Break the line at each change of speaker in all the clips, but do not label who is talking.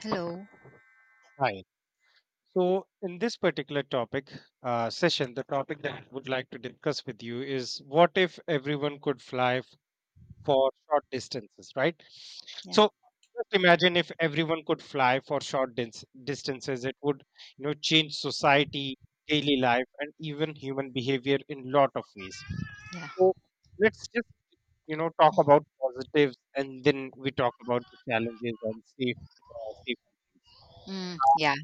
Hello.
Hi. So, in this particular topic session, the topic that I would like to discuss with you is what if everyone could fly for short distances, right?
Yeah.
So, just imagine if everyone could fly for short distances, it would, change society, daily life, and even human behavior in lot of ways.
Yeah.
So, let's just, talk about positives, and then we talk about the challenges and safety things.
Mm,
So,
yeah.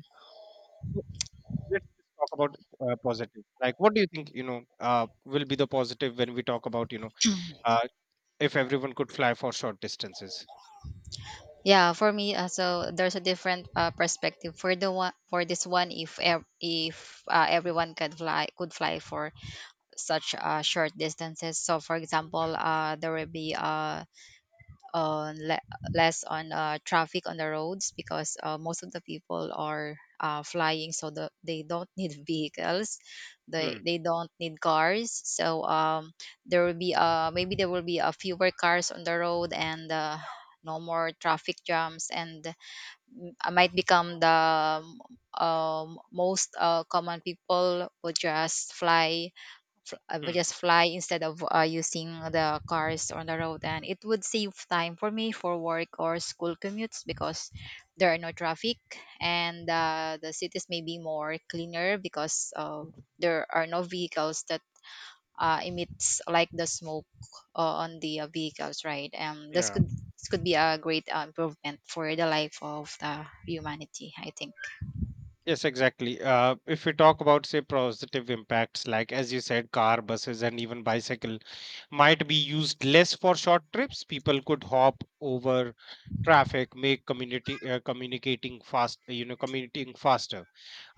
let's just talk about positive, like what do you think, will be the positive when we talk about, uh, if everyone could fly for short distances.
Yeah, for me, so there's a different perspective for this one. If everyone could fly for such short distances, so for example, there will be uh, le- less on traffic on the roads because most of the people are flying, so they don't need vehicles, they
Hmm.
they don't need cars. So there will be maybe there will be a fewer cars on the road and no more traffic jams, and I might become the most common people who just fly
Hmm,
just fly instead of using the cars on the road, and it would save time for me for work or school commutes because there are no traffic. And the cities may be more cleaner because there are no vehicles that emits like the smoke on the vehicles, right? This
yeah.
could be a great improvement for the life of the humanity, I think.
Yes, exactly. If we talk about, say, positive impacts, like as you said, car, buses, and even bicycle might be used less for short trips. People could hop over traffic, make community communicating faster.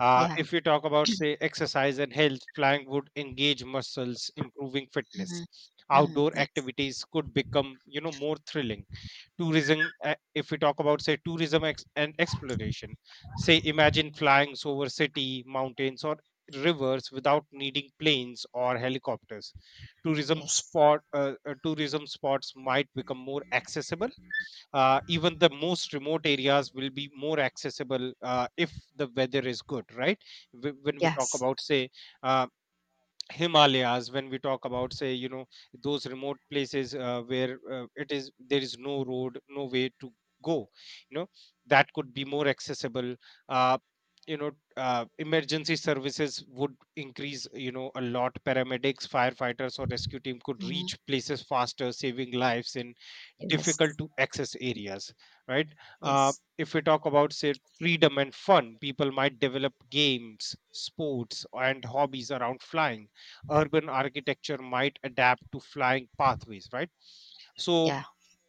Uh,
Yeah.
if we talk about, say, exercise and health, flying would engage muscles, improving fitness.
Hmm. Hmm.
Outdoor
Yes.
activities could become, more thrilling. If we talk about, say, tourism and exploration, say, imagine flying over city, mountains, or rivers without needing planes or helicopters.
Yes.
Tourism spots might become more accessible, even the most remote areas will be more accessible, if the weather is good, right? When we talk
Yes.
about, say, uh, Himalayas, when we talk about, say, those remote places, where, it is there is no road, no way to go, you know, that could be more accessible. Uh, you know, emergency services would increase, a lot. Paramedics, firefighters, or rescue team could
Hmm.
reach places faster, saving lives in
Yes.
difficult to access areas, right? Uh,
Yes.
if we talk about, say, freedom and fun, people might develop games, sports, and hobbies around flying. Urban architecture might adapt to flying pathways, right? So
Yeah.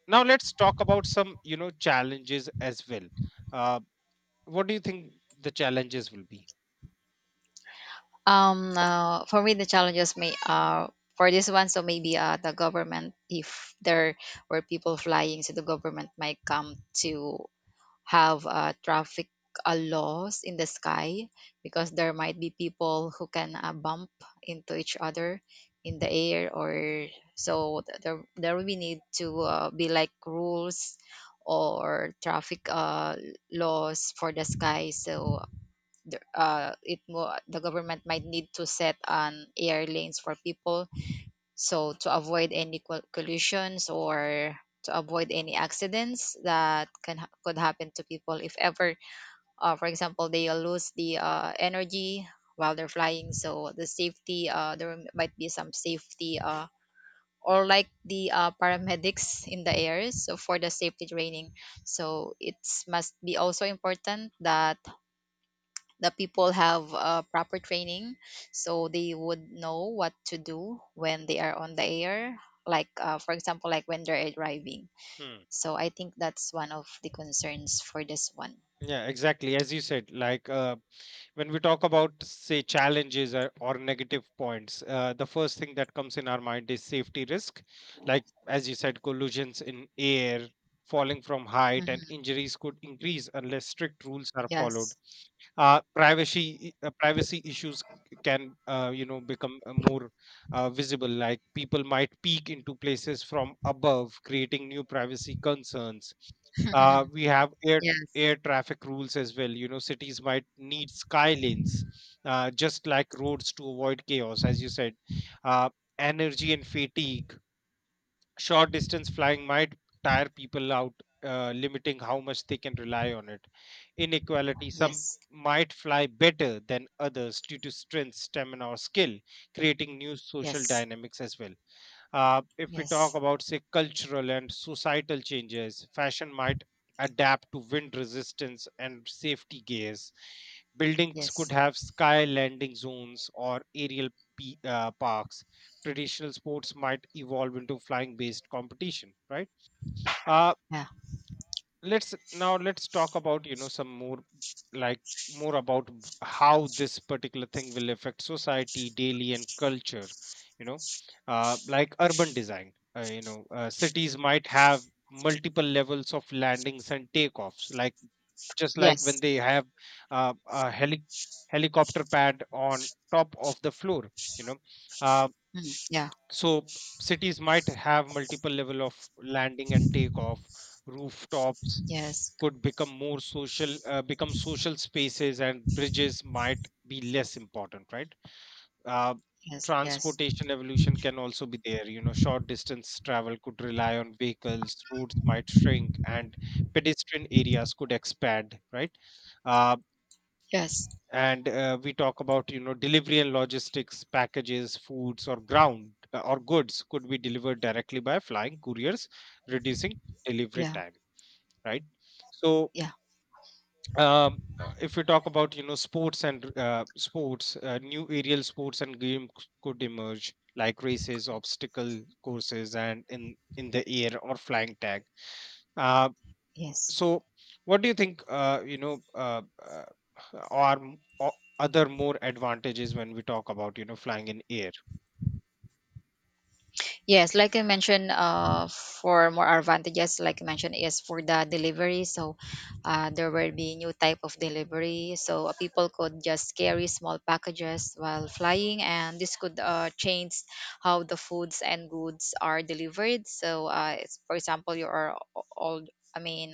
now let's talk about some, challenges as well. Uh, what do you think the challenges will be?
For me the challenges may for this one, so maybe the government, if there were people flying, so the government might come to have traffic laws in the sky because there might be people who can bump into each other in the air, or so, there will be need to be like rules or traffic laws for the sky, so the government might need to set an air lanes for people, so to avoid any collisions or to avoid any accidents that could happen to people if ever, for example, they lose the energy while they're flying. So the safety, there might be some safety or like the paramedics in the air, so for the safety training, so it must be also important that the people have proper training so they would know what to do when they are on the air, like for example, like when they're driving.
Hmm.
So I think that's one of the concerns for this one.
Yeah, exactly. As you said, like, when we talk about, say, challenges, or negative points, the first thing that comes in our mind is safety risk, like as you said, collisions in air, falling from height, and
Mhm.
injuries could increase unless strict rules are followed.
Yes.
Privacy issues can, become, more, visible, like people might peek into places from above, creating new privacy concerns. uh, we have air
yes.
air traffic rules as well. You know, cities might need sky lanes, just like roads, to avoid chaos, as you said. Uh, energy and fatigue. Short distance flying might tire people out, limiting how much they can rely on it. Inequality. Some
Yes.
might fly better than others due to strength, stamina, or skill, creating new social
Yes.
dynamics as well. If we talk
Yes.
about, say, cultural and societal changes, fashion might adapt to wind resistance and safety gears. Buildings could
Yes.
have sky landing zones or aerial parks. Traditional sports might evolve into flying based competition, right? Uh,
Yeah.
let's talk about, some more, like more about how this particular thing will affect society daily and culture, you know like urban design, cities might have multiple levels of landings and takeoffs, like just like when
Yes.
they have, uh, a heli- helicopter pad on top of the floor, you know. uh,
Mm, yeah.
so cities might have multiple level of landing and takeoff. Rooftops
Yes.
could become more social become social spaces, and bridges might be less important, right? uh,
Yes. Yes.
transportation evolution can also be there, you know. Short distance travel could rely on vehicles. Roads might shrink, and pedestrian areas could expand, right? uh,
Yes.
and uh, we talk about, you know, delivery and logistics. Packages, foods, or ground or goods could be delivered directly by flying couriers, reducing delivery
Yeah.
time, right? So,
Yeah.
If we talk about, you know, sports, and sports new aerial sports and games could emerge, like races, obstacle courses, and, in the air, or flying tag. uh,
Yes.
so what do you think, are other more advantages when we talk about, you know, flying in air?
Yes, like I mentioned, for more advantages, like I mentioned, is for the delivery. So, there will be new type of delivery. So people could just carry small packages while flying, and this could change how the foods and goods are delivered. So, it's, for example, you are all, I mean,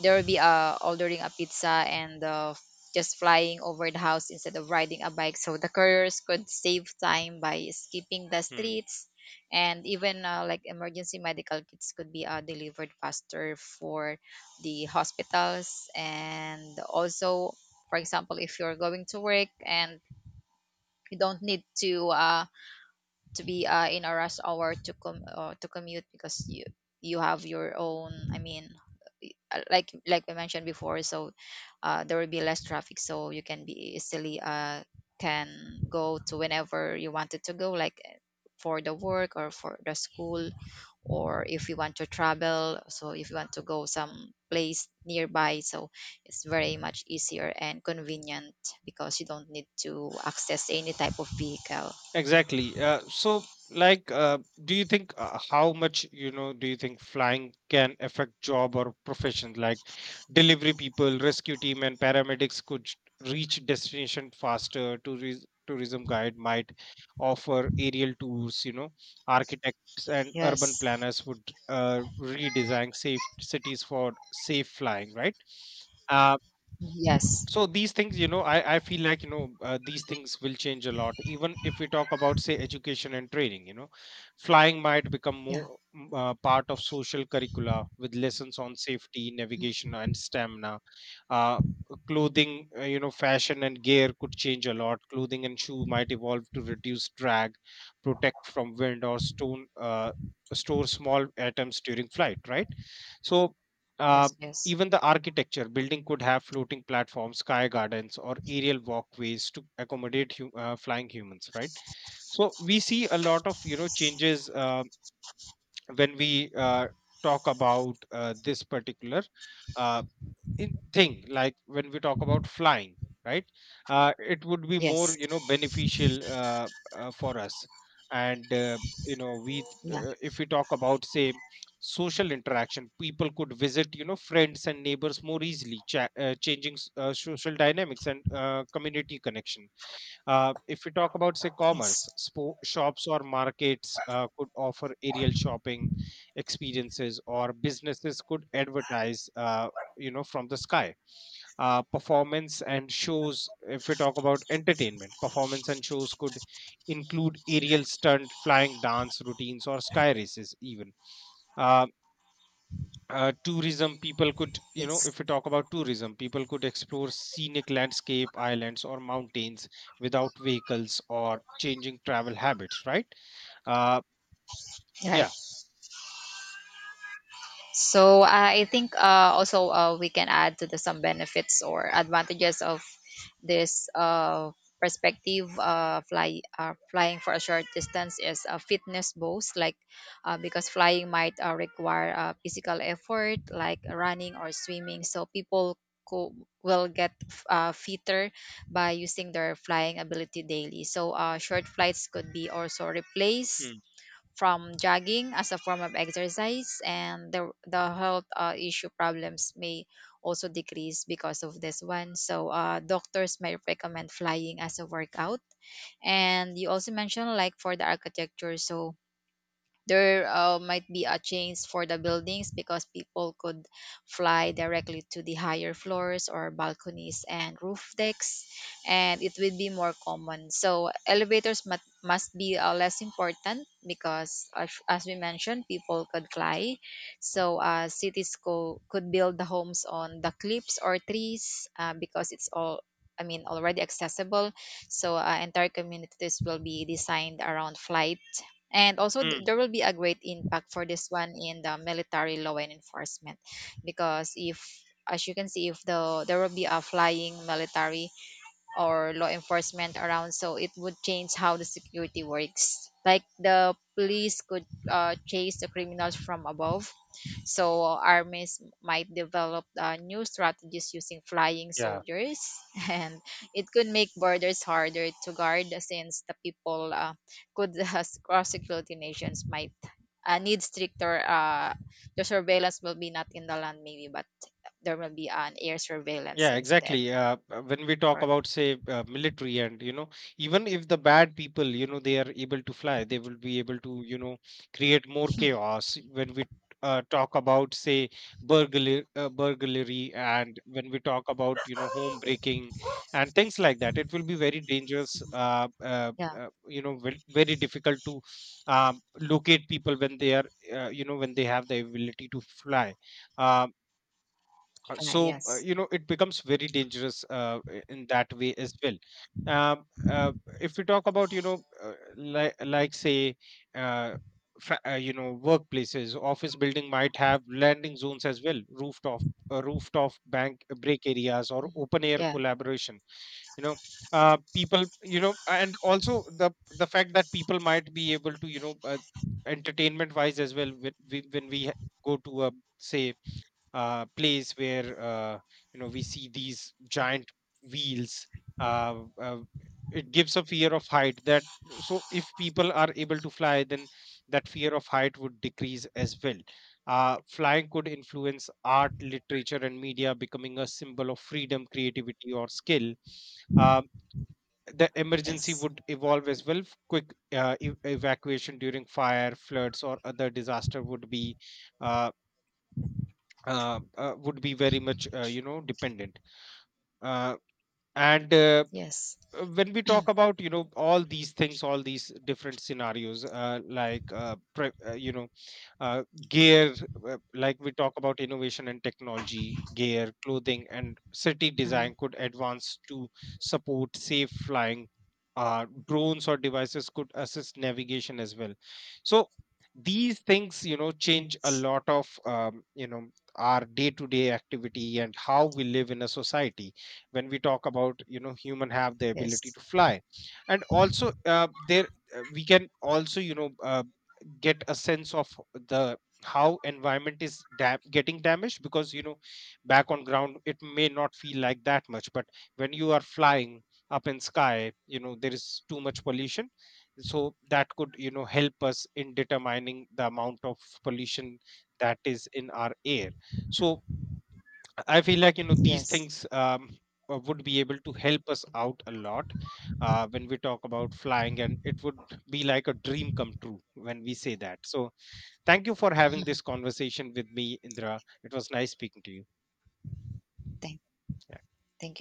there will be ordering a pizza and just flying over the house instead of riding a bike, so the couriers could save time by skipping the streets, and even like emergency medical kits could be delivered faster for the hospitals. And also, for example, if you're going to work and you don't need to be in a rush hour to com to commute because you have your own, I mean, like we mentioned before. So there will be less traffic, so you can be easily, can go to whenever you wanted to go, like for the work or for the school, or if you want to travel, so if you want to go some place nearby, so it's very much easier and convenient because you don't need to access any type of vehicle.
Exactly. So, like, do you think, how much, you know, do you think flying can affect job or profession? Like delivery people, rescue team, and paramedics could reach destination faster. Tourism guide might offer aerial tours. You know, architects and urban
Yes.
planners would, redesign safe cities for safe flying, right? Uh,
Yes.
so these things, you know, I feel like, you know, these things will change a lot. Even if we talk about, say, education and training, you know, flying might become
Yeah.
part of social curricula, with lessons on safety navigation and stamina. Uh, clothing, you know, fashion and gear could change a lot. Clothing and shoe might evolve to reduce drag, protect from wind or stone, store small items during flight, right? So, uh,
Yes. Yes.
even the architecture building could have floating platforms, sky gardens, or aerial walkways to accommodate flying humans, right? So we see a lot of, you know, changes, when we, talk about, this particular, uh, in thing, like when we talk about flying, right? It would be more,
Yes.
you know, beneficial, for us. and uh, you know we
Yeah.
uh, if we talk about, say, social interaction, people could visit, you know, friends and neighbors more easily, changing, social dynamics, and, community connection. If we talk about, say,
Yes.
commerce, shops or markets, could offer aerial shopping experiences, or businesses could advertise, from the sky. If we talk about entertainment, performance and shows could include aerial stunt, flying dance routines, or sky races, even. Uh, tourism people could you know
Yes.
if we talk about tourism, people could explore scenic landscape, islands, or mountains without vehicles, or changing travel habits, right? uh
Right.
yeah
So I think also we can add to the some benefits or advantages of this perspective. Flying for a short distance is a fitness boost, like, because flying might require physical effort, like running or swimming. So people co- will get fitter by using their flying ability daily. So short flights could be also replaced
mm,
from jogging as a form of exercise, and the health issue problems may also decrease because of this one. So doctors may recommend flying as a workout. And you also mentioned like for the architecture, so there might be a change for the buildings because people could fly directly to the higher floors or balconies and roof decks, and it would be more common. So elevators must be less important because, as we mentioned, people could fly. So cities could build the homes on the cliffs or trees because it's all, I mean, already accessible. So entire communities will be designed around flight. And also,
mm,
there will be a great impact for this one in the military, law and enforcement, because if, as you can see, if the there will be a flying military or law enforcement around, so it would change how the security works, like the police could chase the criminals from above, so armies might develop new strategies using flying
yeah.
soldiers. And it could make borders harder to guard since the people could cross security. Nations might need stricter, the surveillance will be not in the land maybe, but there will be an air surveillance
Yeah,
instead,
exactly. When we talk
or
about, say, military, and, you know, even if the bad people, you know, they are able to fly, they will be able to, you know, create more chaos. When we, talk about, say, burglary, and when we talk about, you know, home breaking and things like that, it will be very dangerous. Uh, uh,
yeah.
uh, you know, very, very difficult to, locate people, when they are, you know, when they have the ability to fly. Um uh,
Guy,
so uh,
yes.
you know, it becomes very dangerous, in that way as well. Um, uh, if we talk about, you know, like say, uh, workplaces office building might have landing zones as well, rooftop, rooftop bank break areas, or
Mhm.
open air
Yeah.
collaboration, you know. People, you know, and also the fact that people might be able to, you know, entertainment wise as well, when, go to a, say, place where, you know, we see these giant wheels. Uh, uh, it gives a fear of height that so if people are able to fly, then that fear of height would decrease as well. Flying could influence art, literature, and media, becoming a symbol of freedom, creativity, or skill. Um, the emergency
Yes.
would evolve as well. Quick, evacuation during fire, floods, or other disaster uh, would be very much, dependent. uh, and uh,
Yes.
uh, when we talk about, you know, all these different scenarios, like, uh, gear, like we talk about innovation and technology, gear, clothing, and city design
Hmm.
could advance to support safe flying. Drones or devices could assist navigation as well. So these things, you know, change a
Yes.
lot of, our day-to-day activity and how we live in a society. When we talk about, you know, human have the ability
Yes.
to fly, and also, there, we can also, you know, get a sense of the how environment is getting damaged, because, you know, back on ground it may not feel like that much, but when you are flying up in sky, you know, there is too much pollution. So that could, you know, help us in determining the amount of pollution that is in our air. So I feel like, you know, these
Yes.
things, would be able to help us out a lot, when we talk about flying, and it would be like a dream come true when we say that, so. Thank you for having this conversation with me, Indra. It was nice speaking to you.
thank
Yeah.
thank